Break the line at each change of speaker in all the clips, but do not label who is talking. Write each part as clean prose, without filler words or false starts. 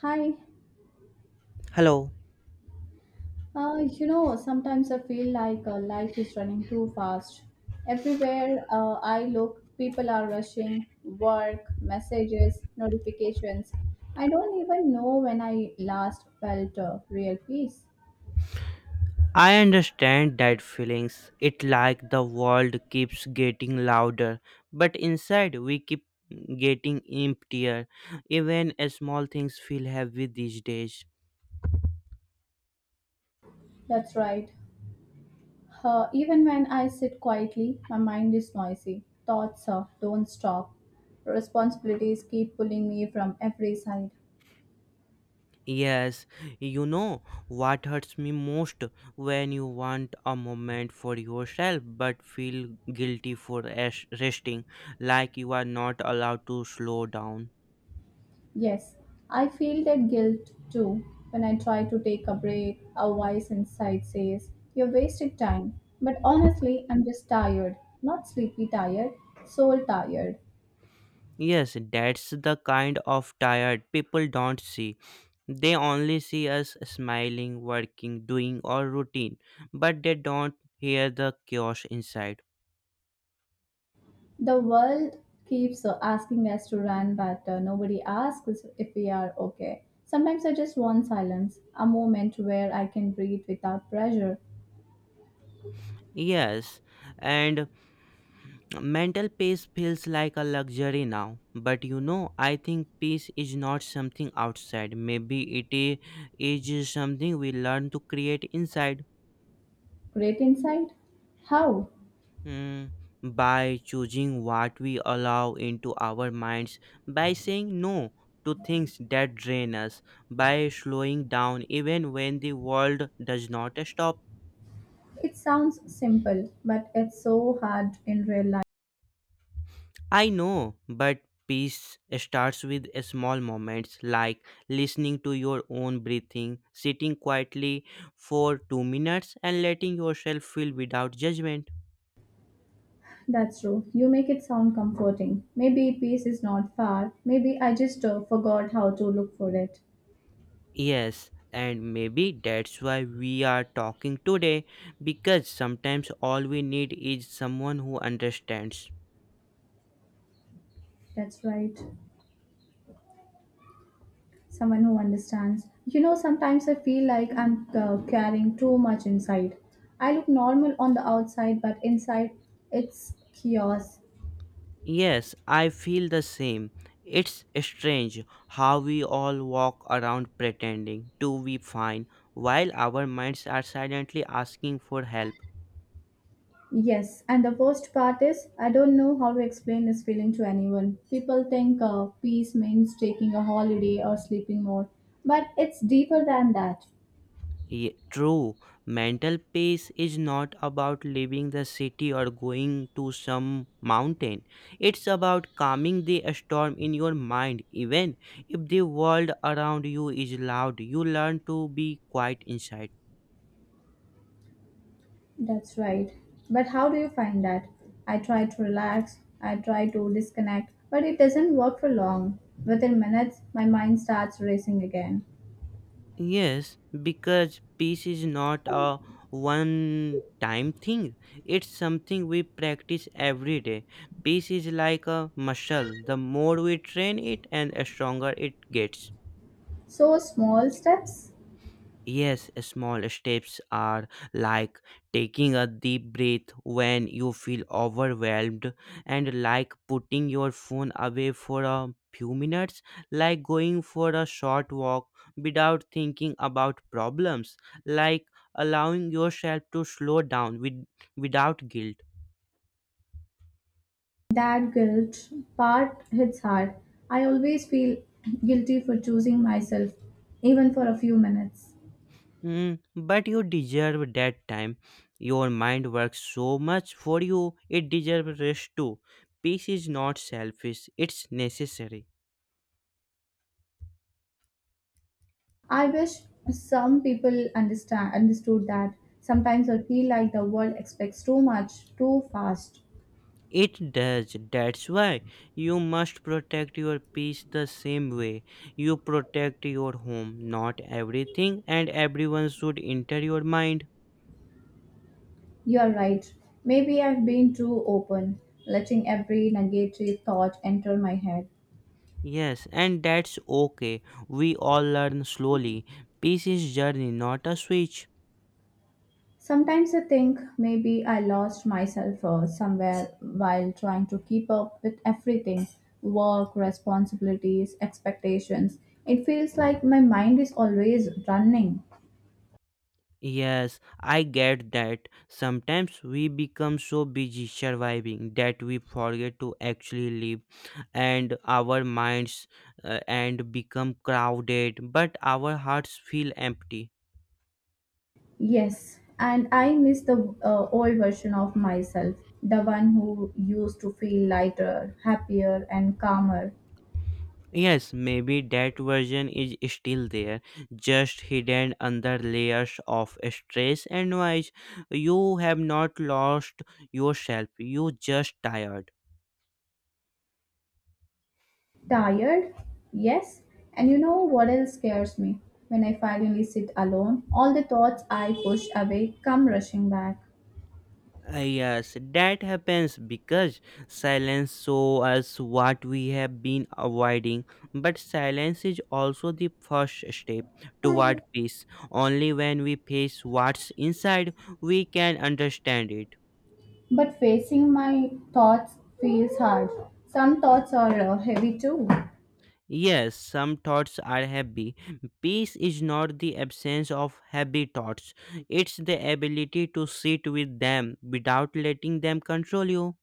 Hi.
Hello.
Sometimes I feel like life is running too fast. Everywhere I look, people are rushing, work, messages, notifications. I don't even know when I last felt real peace.
I understand that feelings. It like the world keeps getting louder, but inside we keep getting emptier. Even small things feel heavy these days.
That's right. Even when I sit quietly, my mind is noisy. Thoughts don't stop. Responsibilities keep pulling me from every side.
Yes, you know what hurts me most when you want a moment for yourself but feel guilty for resting, like you are not allowed to slow down.
Yes, I feel that guilt too when I try to take a break. A voice inside says, "You're wasting time." But honestly, I'm just tired. Not sleepy tired, soul tired.
Yes, that's the kind of tired people don't see. They only see us smiling, working, doing our routine, but they don't hear the chaos inside.
The world keeps asking us to run, but nobody asks if we are okay. Sometimes I just want silence, a moment where I can breathe without pressure.
Yes, and mental peace feels like a luxury now. But you know, I think peace is not something outside. Maybe it is something we learn to create inside.
Great insight? How?
Mm, by choosing what we allow into our minds, by saying no to things that drain us, by slowing down even when the world does not stop.
It sounds simple, but it's so hard in real life.
I know, but peace starts with small moments like listening to your own breathing, sitting quietly for 2 minutes, and letting yourself feel without judgment.
That's true. You make it sound comforting. Maybe peace is not far. Maybe I just forgot how to look for it.
Yes, and maybe that's why we are talking today because sometimes all we need is someone who understands.
That's right. Someone who understands. Sometimes I feel like I'm carrying too much inside. I look normal on the outside, but inside it's chaos.
Yes, I feel the same. It's strange how we all walk around pretending to be fine while our minds are silently asking for help.
Yes, and the worst part is I don't know how to explain this feeling to anyone. People think peace means taking a holiday or sleeping more, but it's deeper than that.
Yeah, true. Mental peace is not about leaving the city or going to some mountain. It's about calming the storm in your mind. Even if the world around you is loud, you learn to be quiet inside.
That's right. But how do you find that? I try to relax, I try to disconnect, but it doesn't work for long. Within minutes, my mind starts racing again.
Yes, because peace is not a one time thing. It's something we practice every day. Peace is like a muscle. The more we train it and stronger it gets.
So, small steps?
Yes, small steps are like taking a deep breath when you feel overwhelmed, and like putting your phone away for a few minutes, like going for a short walk without thinking about problems, like allowing yourself to slow down with, without guilt.
That guilt part hits hard. I always feel guilty for choosing myself, even for a few minutes.
Mm, but you deserve that time. Your mind works so much for you, it deserves rest too. Peace is not selfish, it's necessary.
I wish some people understand understood that. Sometimes I feel like the world expects too much, too fast.
It does. That's why you must protect your peace the same way you protect your home. Not everything and everyone should enter your mind.
You're right. Maybe I've been too open, letting every negative thought enter my head.
Yes, and that's okay. We all learn slowly. Peace is journey, not a switch.
Sometimes I think maybe I lost myself somewhere while trying to keep up with everything work, responsibilities, expectations. It feels like my mind is always running.
Yes, I get that. Sometimes we become so busy surviving that we forget to actually live, and our minds and become crowded, but our hearts feel empty.
Yes, and I miss the old version of myself, the one who used to feel lighter, happier, and calmer.
Yes, maybe that version is still there, just hidden under layers of stress and noise. You have not lost yourself, you just tired.
Tired? Yes. And you know what else scares me? When I finally sit alone, all the thoughts I push away come rushing back.
Yes, that happens because silence shows us what we have been avoiding. But silence is also the first step
But
toward peace. Only when we face what's inside, we can understand it.
facing my thoughts feels hard. Some thoughts are heavy too.
Yes, some thoughts are heavy. Peace is not the absence of heavy thoughts, it's the ability to sit with them without letting them control you.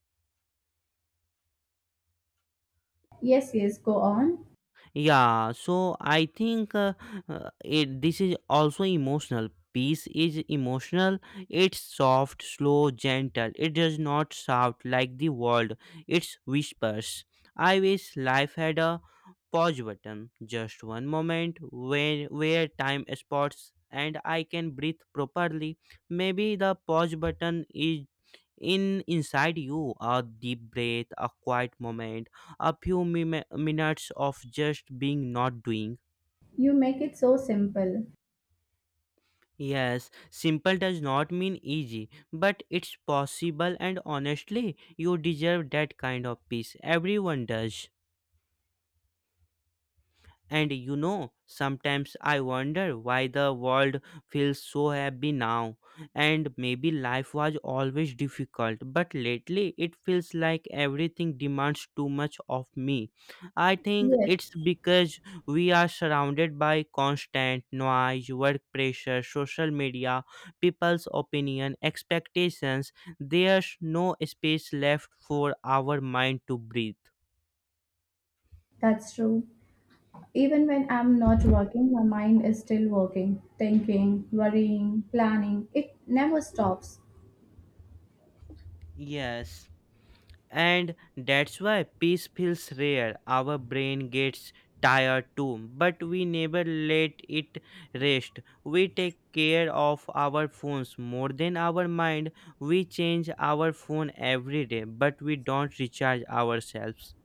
Yes, yes, go on.
Yeah, so I think it this is also emotional peace is emotional. It's soft, slow, gentle. It does not shout like the world, it's whispers. I wish life had a pause button, just one moment where time spots and I can breathe properly. Maybe the pause button is in inside you, a deep breath, a quiet moment, a few minutes of just being, not doing.
You make it so simple.
Yes, simple does not mean easy, but it's possible, and honestly you deserve that kind of peace. Everyone does. And you know, sometimes I wonder why the world feels so happy now. And maybe life was always difficult, but lately it feels like everything demands too much of me. I think
Yes,
it's because we are surrounded by constant noise, work pressure, social media, people's opinion, expectations. There's no space left for our mind to breathe.
that's true. Even when I'm not working, my mind is still working, thinking, worrying, planning. It never stops.
Yes. And that's why peace feels rare. Our brain gets tired too, but we never let it rest. We take care of our phones more than our mind. We change our phone every day, but we don't recharge ourselves.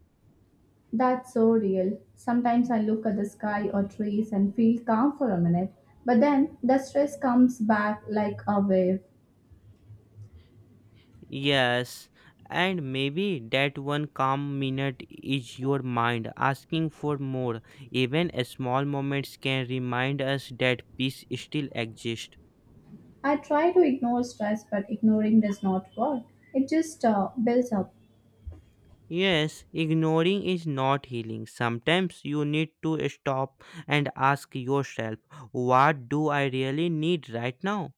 That's so real. Sometimes I look at the sky or trees and feel calm for a minute, but then the stress comes back like a wave.
Yes, and maybe that one calm minute is your mind asking for more. Even small moments can remind us that peace still exists.
I try to ignore stress, but ignoring does not work. It just builds up.
Yes, ignoring is not healing. Sometimes you need to stop and ask yourself, what do I really need right now?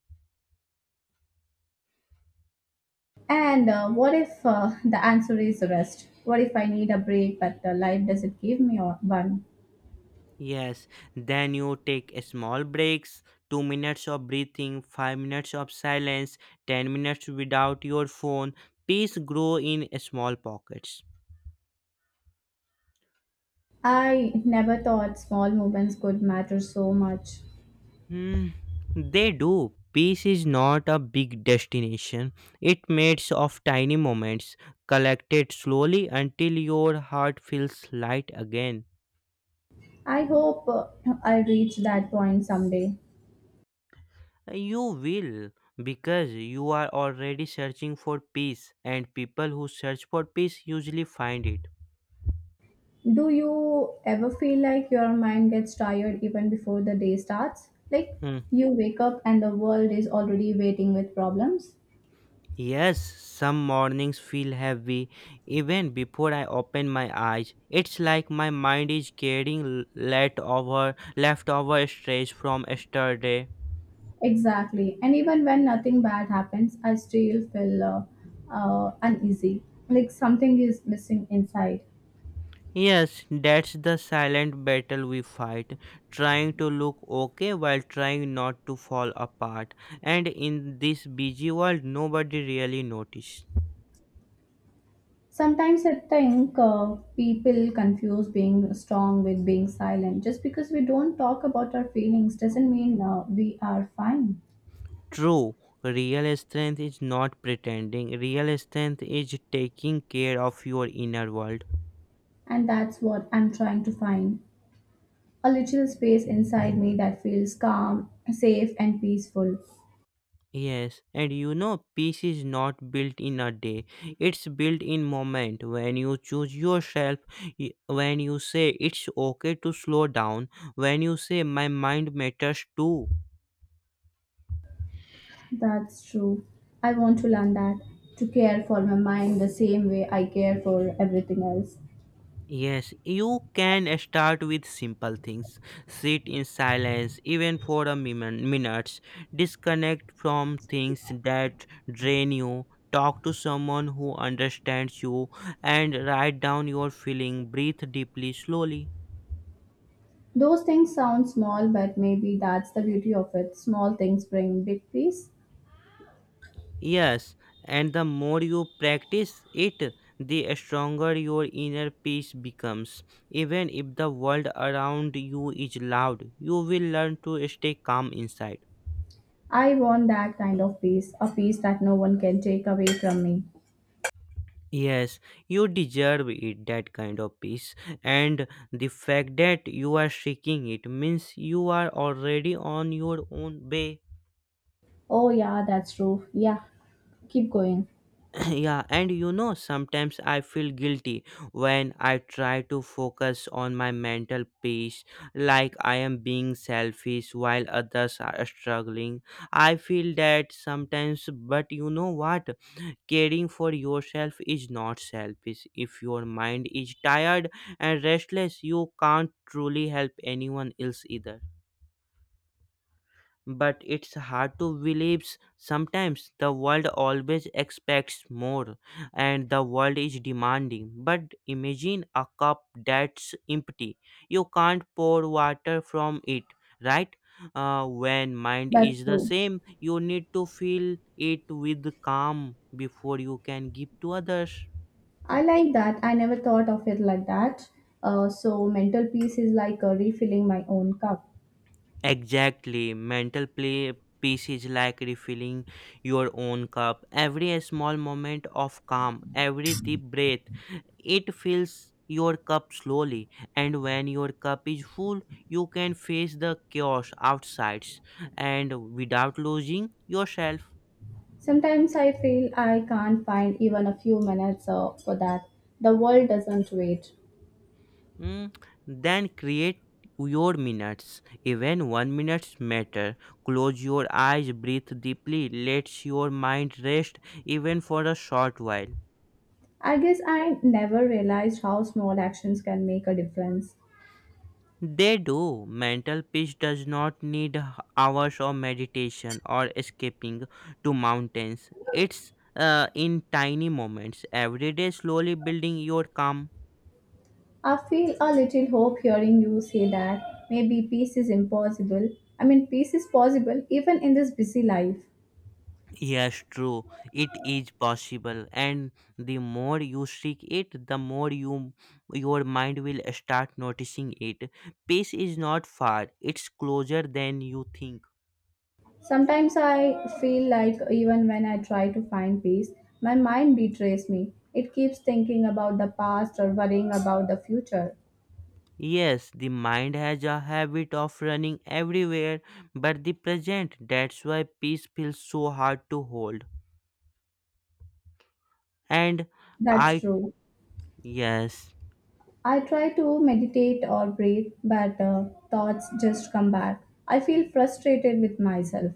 And what if the answer is rest? What if I need a break, but life doesn't give me one?
Yes, then you take a small breaks, 2 minutes of breathing, 5 minutes of silence, 10 minutes without your phone. Peace grow in small pockets.
I never thought small movements could matter so much.
Hmm, they do. Peace is not a big destination. It made of tiny moments, collected slowly until your heart feels light again.
I hope I reach that point someday.
You will, because you are already searching for peace, and people who search for peace usually find it.
Do you ever feel like your mind gets tired even before the day starts? Like
Hmm.
you wake up and the world is already waiting with problems?
Yes, some mornings feel heavy even before I open my eyes. It's like my mind is carrying leftover leftover stress from yesterday.
Exactly. And even when nothing bad happens, I still feel uneasy. Like something is missing inside.
Yes, that's the silent battle we fight, trying to look okay while trying not to fall apart. And in this busy world, nobody really notices.
Sometimes I think people confuse being strong with being silent. Just because we don't talk about our feelings doesn't mean we are fine.
True, real strength is not pretending. Real strength is taking care of your inner world.
And that's what I'm trying to find. A little space inside me that feels calm, safe, and peaceful.
Yes, and you know, peace is not built in a day. It's built in moment when you choose yourself, when you say it's okay to slow down, when you say my mind matters too.
That's true. I want to learn that to care for my mind the same way I care for everything else.
Yes, you can start with simple things. Sit in silence, even for a minutes. Disconnect from things that drain you. Talk to someone who understands you and write down your feeling. Breathe deeply, slowly.
Those things sound small, but maybe that's the beauty of it. Small things bring big peace.
Yes, and the more you practice it, the stronger your inner peace becomes. Even if the world around you is loud, you will learn to stay calm inside.
I want that kind of peace, a peace that no one can take away from me.
Yes, you deserve it, that kind of peace. And the fact that you are seeking it means you are already on your own way.
Oh, yeah, that's true. Yeah, keep going.
Yeah, and you know, sometimes I feel guilty when I try to focus on my mental peace, like I am being selfish while others are struggling. I feel that sometimes, but you know what? Caring for yourself is not selfish. If your mind is tired and restless, you can't truly help anyone else either. But it's hard to believe sometimes. The world always expects more, and the world is demanding. But imagine a cup that's empty, you can't pour water from it, right? When mind
That's
is the
true.
same, you need to fill it with calm before you can give to others.
I like that. I never thought of it like that. So, mental peace is like refilling my own cup.
Exactly, mental play peace is like refilling your own cup. Every small moment of calm, every deep breath, it fills your cup slowly, and when your cup is full, you can face the chaos outside and without losing yourself.
Sometimes I feel I can't find even a few minutes for that. The world doesn't wait.
Mm, then create your minutes. Even 1 minute matter. Close your eyes, breathe deeply, let your mind rest even for a short while.
I guess I never realized how small actions can make a difference.
They do. Mental peace does not need hours of meditation or escaping to mountains. It's in tiny moments, every day, slowly building your calm.
I feel a little hope hearing you say that maybe peace is impossible. I mean, peace is possible even in this busy life.
Yes, true. It is possible, and the more you seek it, the more your mind will start noticing it. Peace is not far; it's closer than you think.
Sometimes I feel like even when I try to find peace, my mind betrays me. It keeps thinking about the past or worrying about the future.
Yes, the mind has a habit of running everywhere but the present. That's why peace feels so hard to hold. And
That's
I.
true.
Yes,
I try to meditate or breathe, but thoughts just come back. I feel frustrated with myself.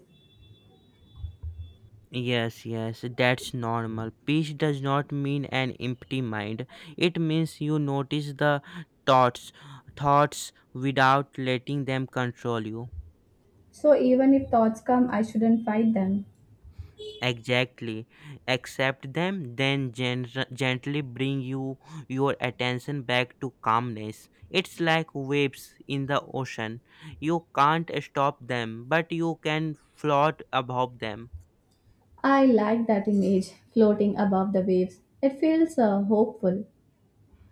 yes, that's normal. Peace does not mean an empty mind, it means you notice the thoughts thoughts without letting them control you.
So even if thoughts come, I shouldn't fight them.
Exactly. Accept them, then gently bring your attention back to calmness. It's like waves in the ocean. You can't stop them, but you can float above them.
I like that image floating above the waves. It feels hopeful.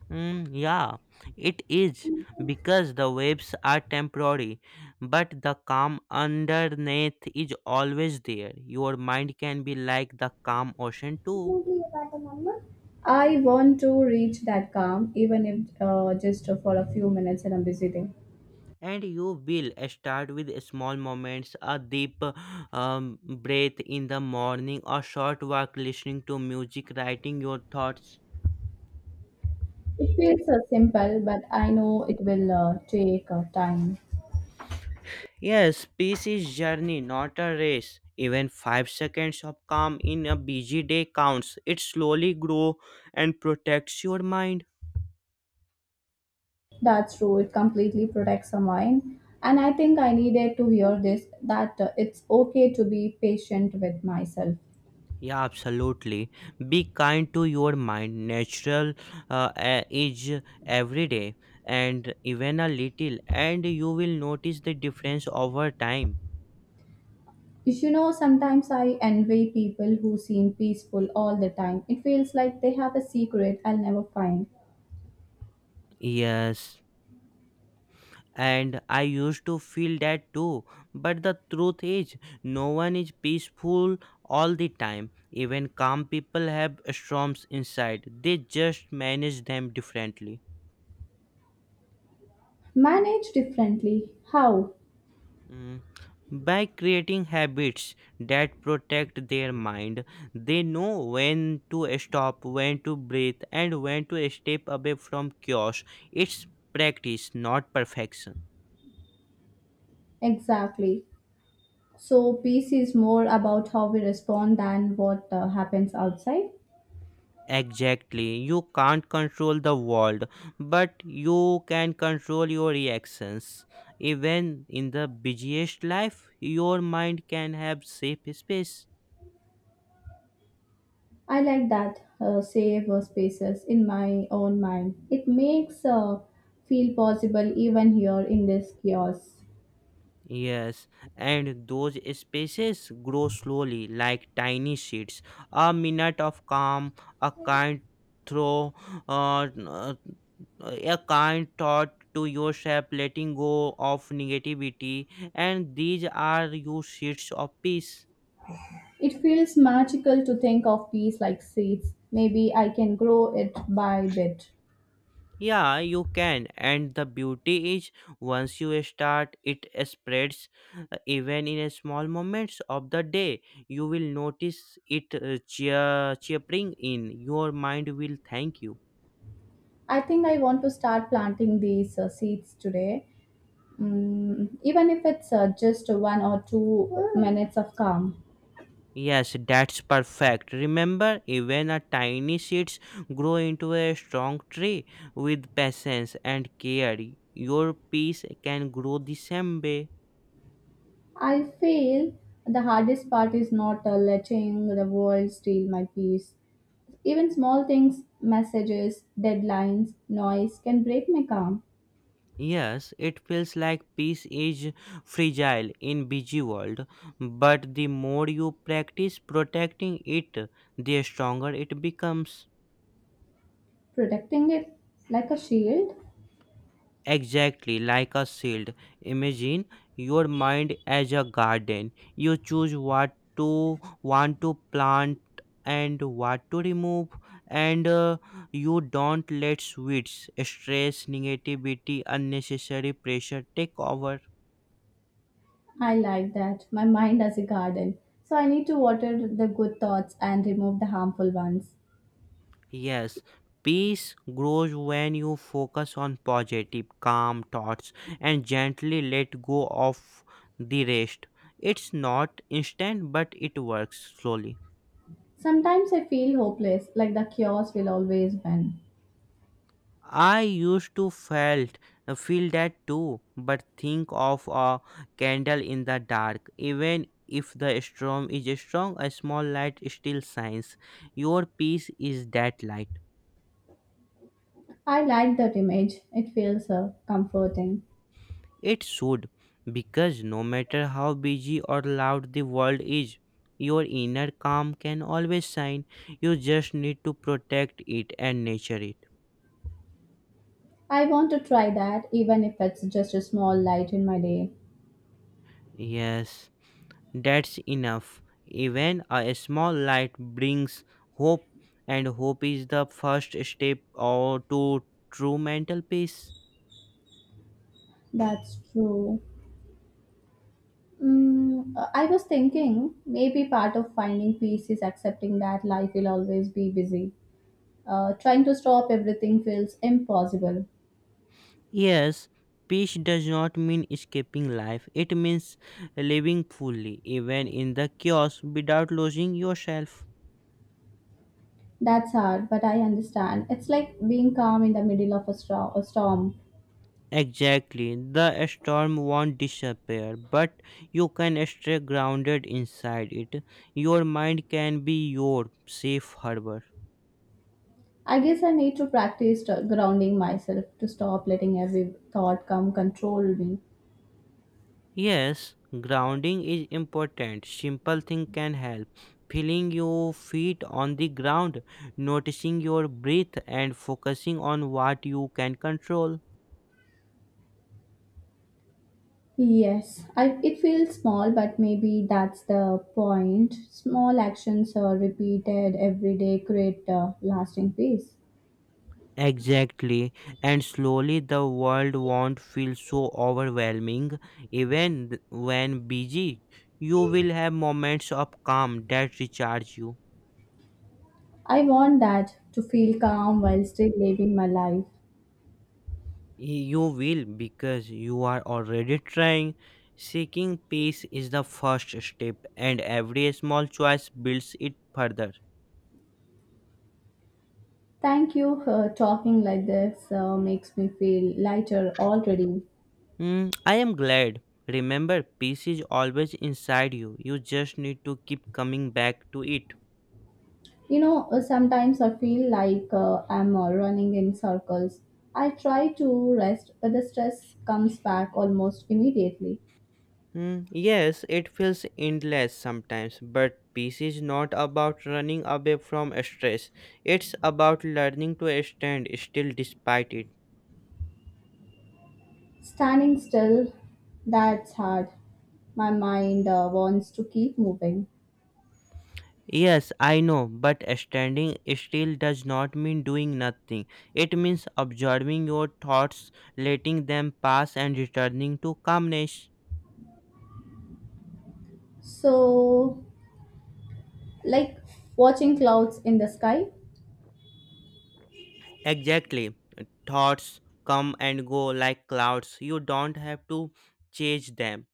Mm, yeah, it is, because the waves are temporary, but the calm underneath is always there. Your mind can be like the calm ocean too.
I want to reach that calm, even if just for a few minutes in a busy day.
And you will start with small moments, a deep breath in the morning, a short walk, listening to music, writing your thoughts.
It feels simple, but I know it will take time.
Yes, peace is journey, not a race. Even 5 seconds of calm in a busy day counts. It slowly grows and protects your mind.
That's true. It completely protects the mind. And I think I needed to hear this that it's okay to be patient with myself.
Yeah, absolutely. Be kind to your mind. Natural is every day, and even a little, and you will notice the difference over time.
You know, sometimes I envy people who seem peaceful all the time. It feels like they have a secret I'll never find.
Yes, and I used to feel that too. But the truth is, no one is peaceful all the time. Even calm people have storms inside, they just manage them differently.
Manage differently. How?
Mm, by creating habits that protect their mind, they know when to stop, when to breathe, and when to step away from chaos. It's practice, not perfection.
Exactly. So peace is more about how we respond than what happens outside.
Exactly. You can't control the world, but you can control your reactions. Even in the busiest life, your mind can have safe space.
I like that safe spaces in my own mind. It makes feel possible even here in this chaos.
Yes, and those spaces grow slowly like tiny seeds. A minute of calm, a kind throw, uh, uh, a kind thought to yourself, letting go of negativity, and these are your seeds of peace.
It feels magical to think of peace like seeds. Maybe I can grow it by bit.
Yeah, you can. And the beauty is once you start, it spreads even in a small moments of the day. You will notice it cheering in. Your mind will thank you.
I think I want to start planting these seeds today, even if it's just 1 or 2 minutes of calm.
Yes, that's perfect. Remember, even a tiny seeds grow into a strong tree with patience and care. Your peace can grow the same way.
I feel the hardest part is not letting the world steal my peace. Even small things, messages, deadlines, noise can break my calm.
Yes, it feels like peace is fragile in busy world, but the more you practice protecting it, the stronger it becomes.
Protecting it like a shield,
Exactly like a shield. Imagine your mind as a garden. You choose what to want to plant and what to remove and you don't let weeds, stress, negativity, unnecessary pressure take over.
I like that. My mind as a garden. So I need to water the good thoughts and remove the harmful ones.
Yes, peace grows when you focus on positive, calm thoughts and gently let go of the rest. It's not instant, but it works slowly.
Sometimes I feel hopeless, like the chaos will always win.
I used to felt feel that too, but think of a candle in the dark. Even if the storm is strong, a small light still shines. Your peace is that light.
I like that image. It feels comforting.
It should, because no matter how busy or loud the world is, your inner calm can always shine. You just need to protect it and nurture it.
I want to try that even if it's just a small light in my day.
Yes, that's enough. Even a small light brings hope, and hope is the first step or to true mental peace.
That's true. I was thinking maybe part of finding peace is accepting that life will always be busy. Trying to stop everything feels impossible.
Yes, peace does not mean escaping life. It means living fully, even in the chaos, without losing yourself.
That's hard, but I understand. It's like being calm in the middle of a storm.
Exactly. The storm won't disappear, but you can stay grounded inside it. Your mind can be your safe harbor.
I guess I need to practice grounding myself to stop letting every thought come control me.
Yes, grounding is important. Simple thing can help. Feeling your feet on the ground, noticing your breath and focusing on what you can control.
Yes, I, it feels small, but maybe that's the point. Small actions are repeated every day create lasting peace.
Exactly, and slowly the world won't feel so overwhelming. Even when busy, you will have moments of calm that recharge you.
I want that to feel calm while still living my life.
You will because you are already trying. Seeking peace is the first step, and every small choice builds it further.
Thank you. Talking like this makes me feel lighter already.
Hmm, I am glad. Remember, peace is always inside you. You just need to keep coming back to it.
Sometimes I feel like I'm running in circles. I try to rest, but the stress comes back almost immediately.
Hmm, yes, it feels endless sometimes, but peace is not about running away from stress. It's about learning to stand still despite it.
Standing still, that's hard. My mind wants to keep moving.
Yes, I know, but standing still does not mean doing nothing. It means observing your thoughts, letting them pass, and returning to calmness.
So, like watching clouds in the sky,
Exactly. Thoughts come and go like clouds. You don't have to chase them,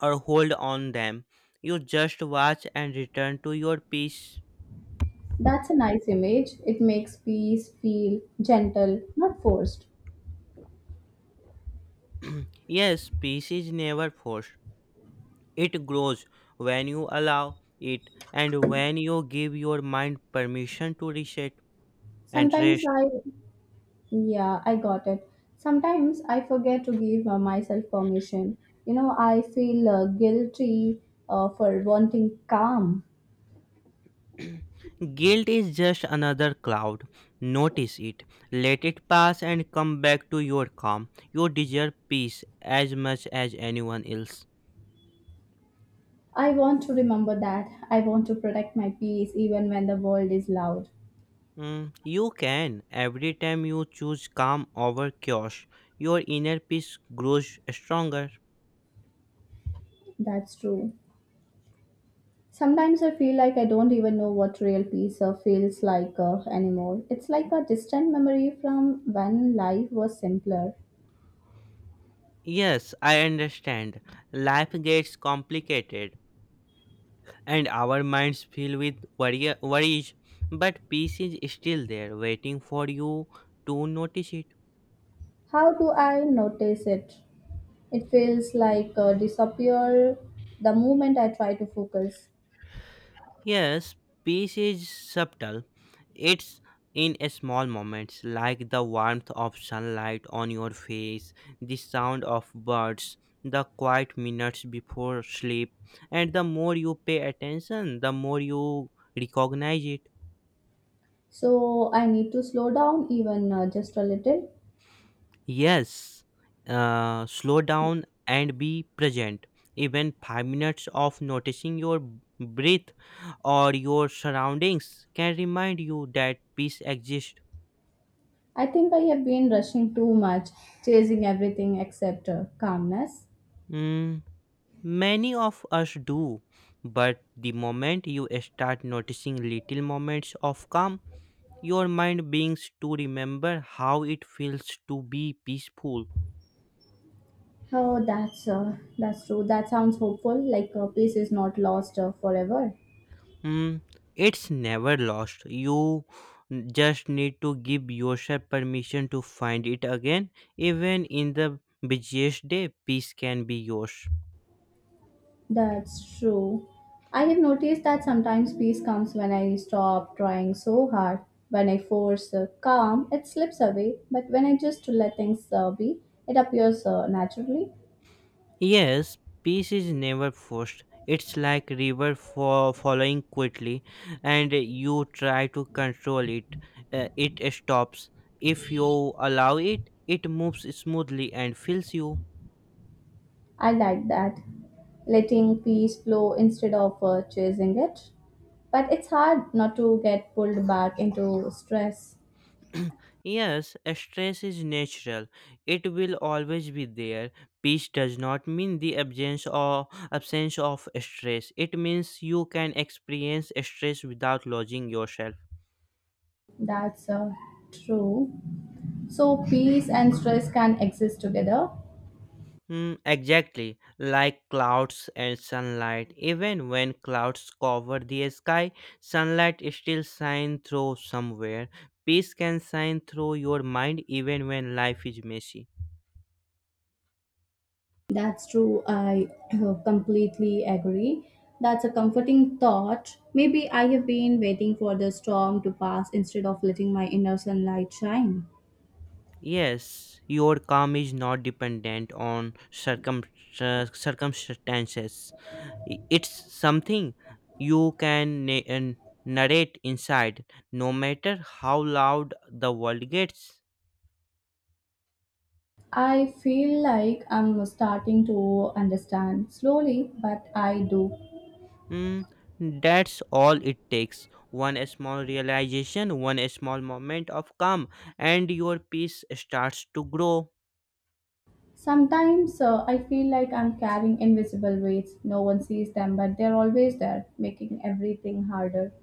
or hold on them. You just watch and return to your peace.
that's a nice image. It makes peace feel gentle, not forced.
Yes, peace is never forced. It grows when you allow it and when you give your mind permission to reset and
Sometimes
rest.
I, yeah, I got it. Sometimes I forget to give myself permission. You know, I feel guilty for wanting calm.
Guilt is just another cloud. Notice it. Let it pass and come back to your calm. You deserve peace as much as anyone else.
I want to remember that. I want to protect my peace even when the world is loud.
Mm, you can. Every time you choose calm over chaos, your inner peace grows stronger.
That's true. Sometimes I feel like I don't even know what real peace feels like anymore. It's like a distant memory from when life was simpler.
Yes, I understand. Life gets complicated and our minds fill with worries, but peace is still there waiting for you to notice it.
How do I notice it? It feels like disappear the moment I try to focus.
Yes, peace is subtle. It's in a small moments, like the warmth of sunlight on your face, the sound of birds, the quiet minutes before sleep, and the more you pay attention, the more you recognize it.
So I need to slow down even just a little.
Yes, slow down and be present. Even 5 minutes of noticing your breath or your surroundings can remind you that peace exists.
I think I have been rushing too much, chasing everything except calmness.
Hmm. Many of us do, but the moment you start noticing little moments of calm, your mind begins to remember how it feels to be peaceful.
Oh, that's true. That sounds hopeful. Like peace is not lost forever.
Mm, it's never lost. You just need to give yourself permission to find it again. Even in the busiest day, peace can be yours.
That's true. I have noticed that sometimes peace comes when I stop trying so hard. When I force calm, it slips away. But when I just let things be, it appears naturally.
Yes, peace is never forced. It's like river following quickly, and you try to control it. It stops. If you allow it, it moves smoothly and fills you.
I like that, letting peace flow instead of chasing it. But it's hard not to get pulled back into stress.
Yes, stress is natural. It will always be there. Peace does not mean the absence or absence of stress. It means you can experience stress without losing yourself.
That's true. So peace and stress can exist together.
Mm, exactly, like clouds and sunlight. Even when clouds cover the sky, sunlight still shines through somewhere. Peace can shine through your mind even when life is messy.
That's true. I completely agree. That's a comforting thought. Maybe I have been waiting for the storm to pass instead of letting my inner sunlight shine.
Yes, your calm is not dependent on circumstances. It's something you can narrate inside, no matter how loud the world gets.
I feel like I'm starting to understand slowly, but I do.
Mm, that's all it takes. One small realization, one small moment of calm, and your peace starts to grow.
Sometimes I feel like I'm carrying invisible weights. No one sees them, but they're always there, making everything harder.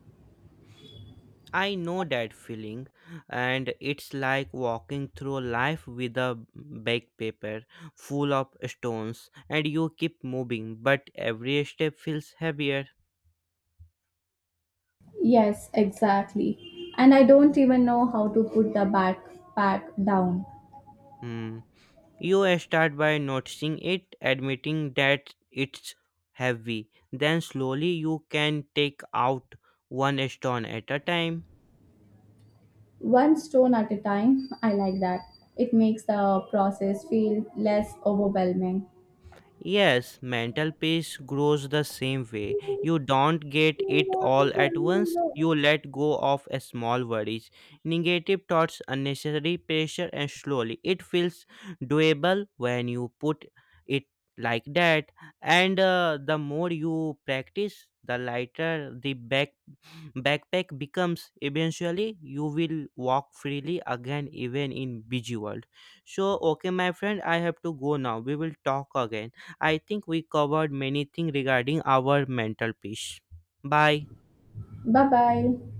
I know that feeling, and it's like walking through life with a backpack full of stones, and you keep moving, but every step feels heavier.
Yes, exactly. And I don't even know how to put the backpack down.
Hmm. You start by noticing it, admitting that it's heavy. Then slowly you can take out one stone at a time.
One stone at a time, I like that. It makes the process feel less overwhelming.
Yes, mental peace grows the same way. You don't get it all at once. You let go of a small worries, negative thoughts, unnecessary pressure, and slowly it feels doable when you put it like that. And the more you practice, the lighter the backpack becomes. Eventually you will walk freely again, even in busy world. So okay, my friend, I have to go now. We will talk again. I think we covered many things regarding our mental peace. Bye.
Bye bye.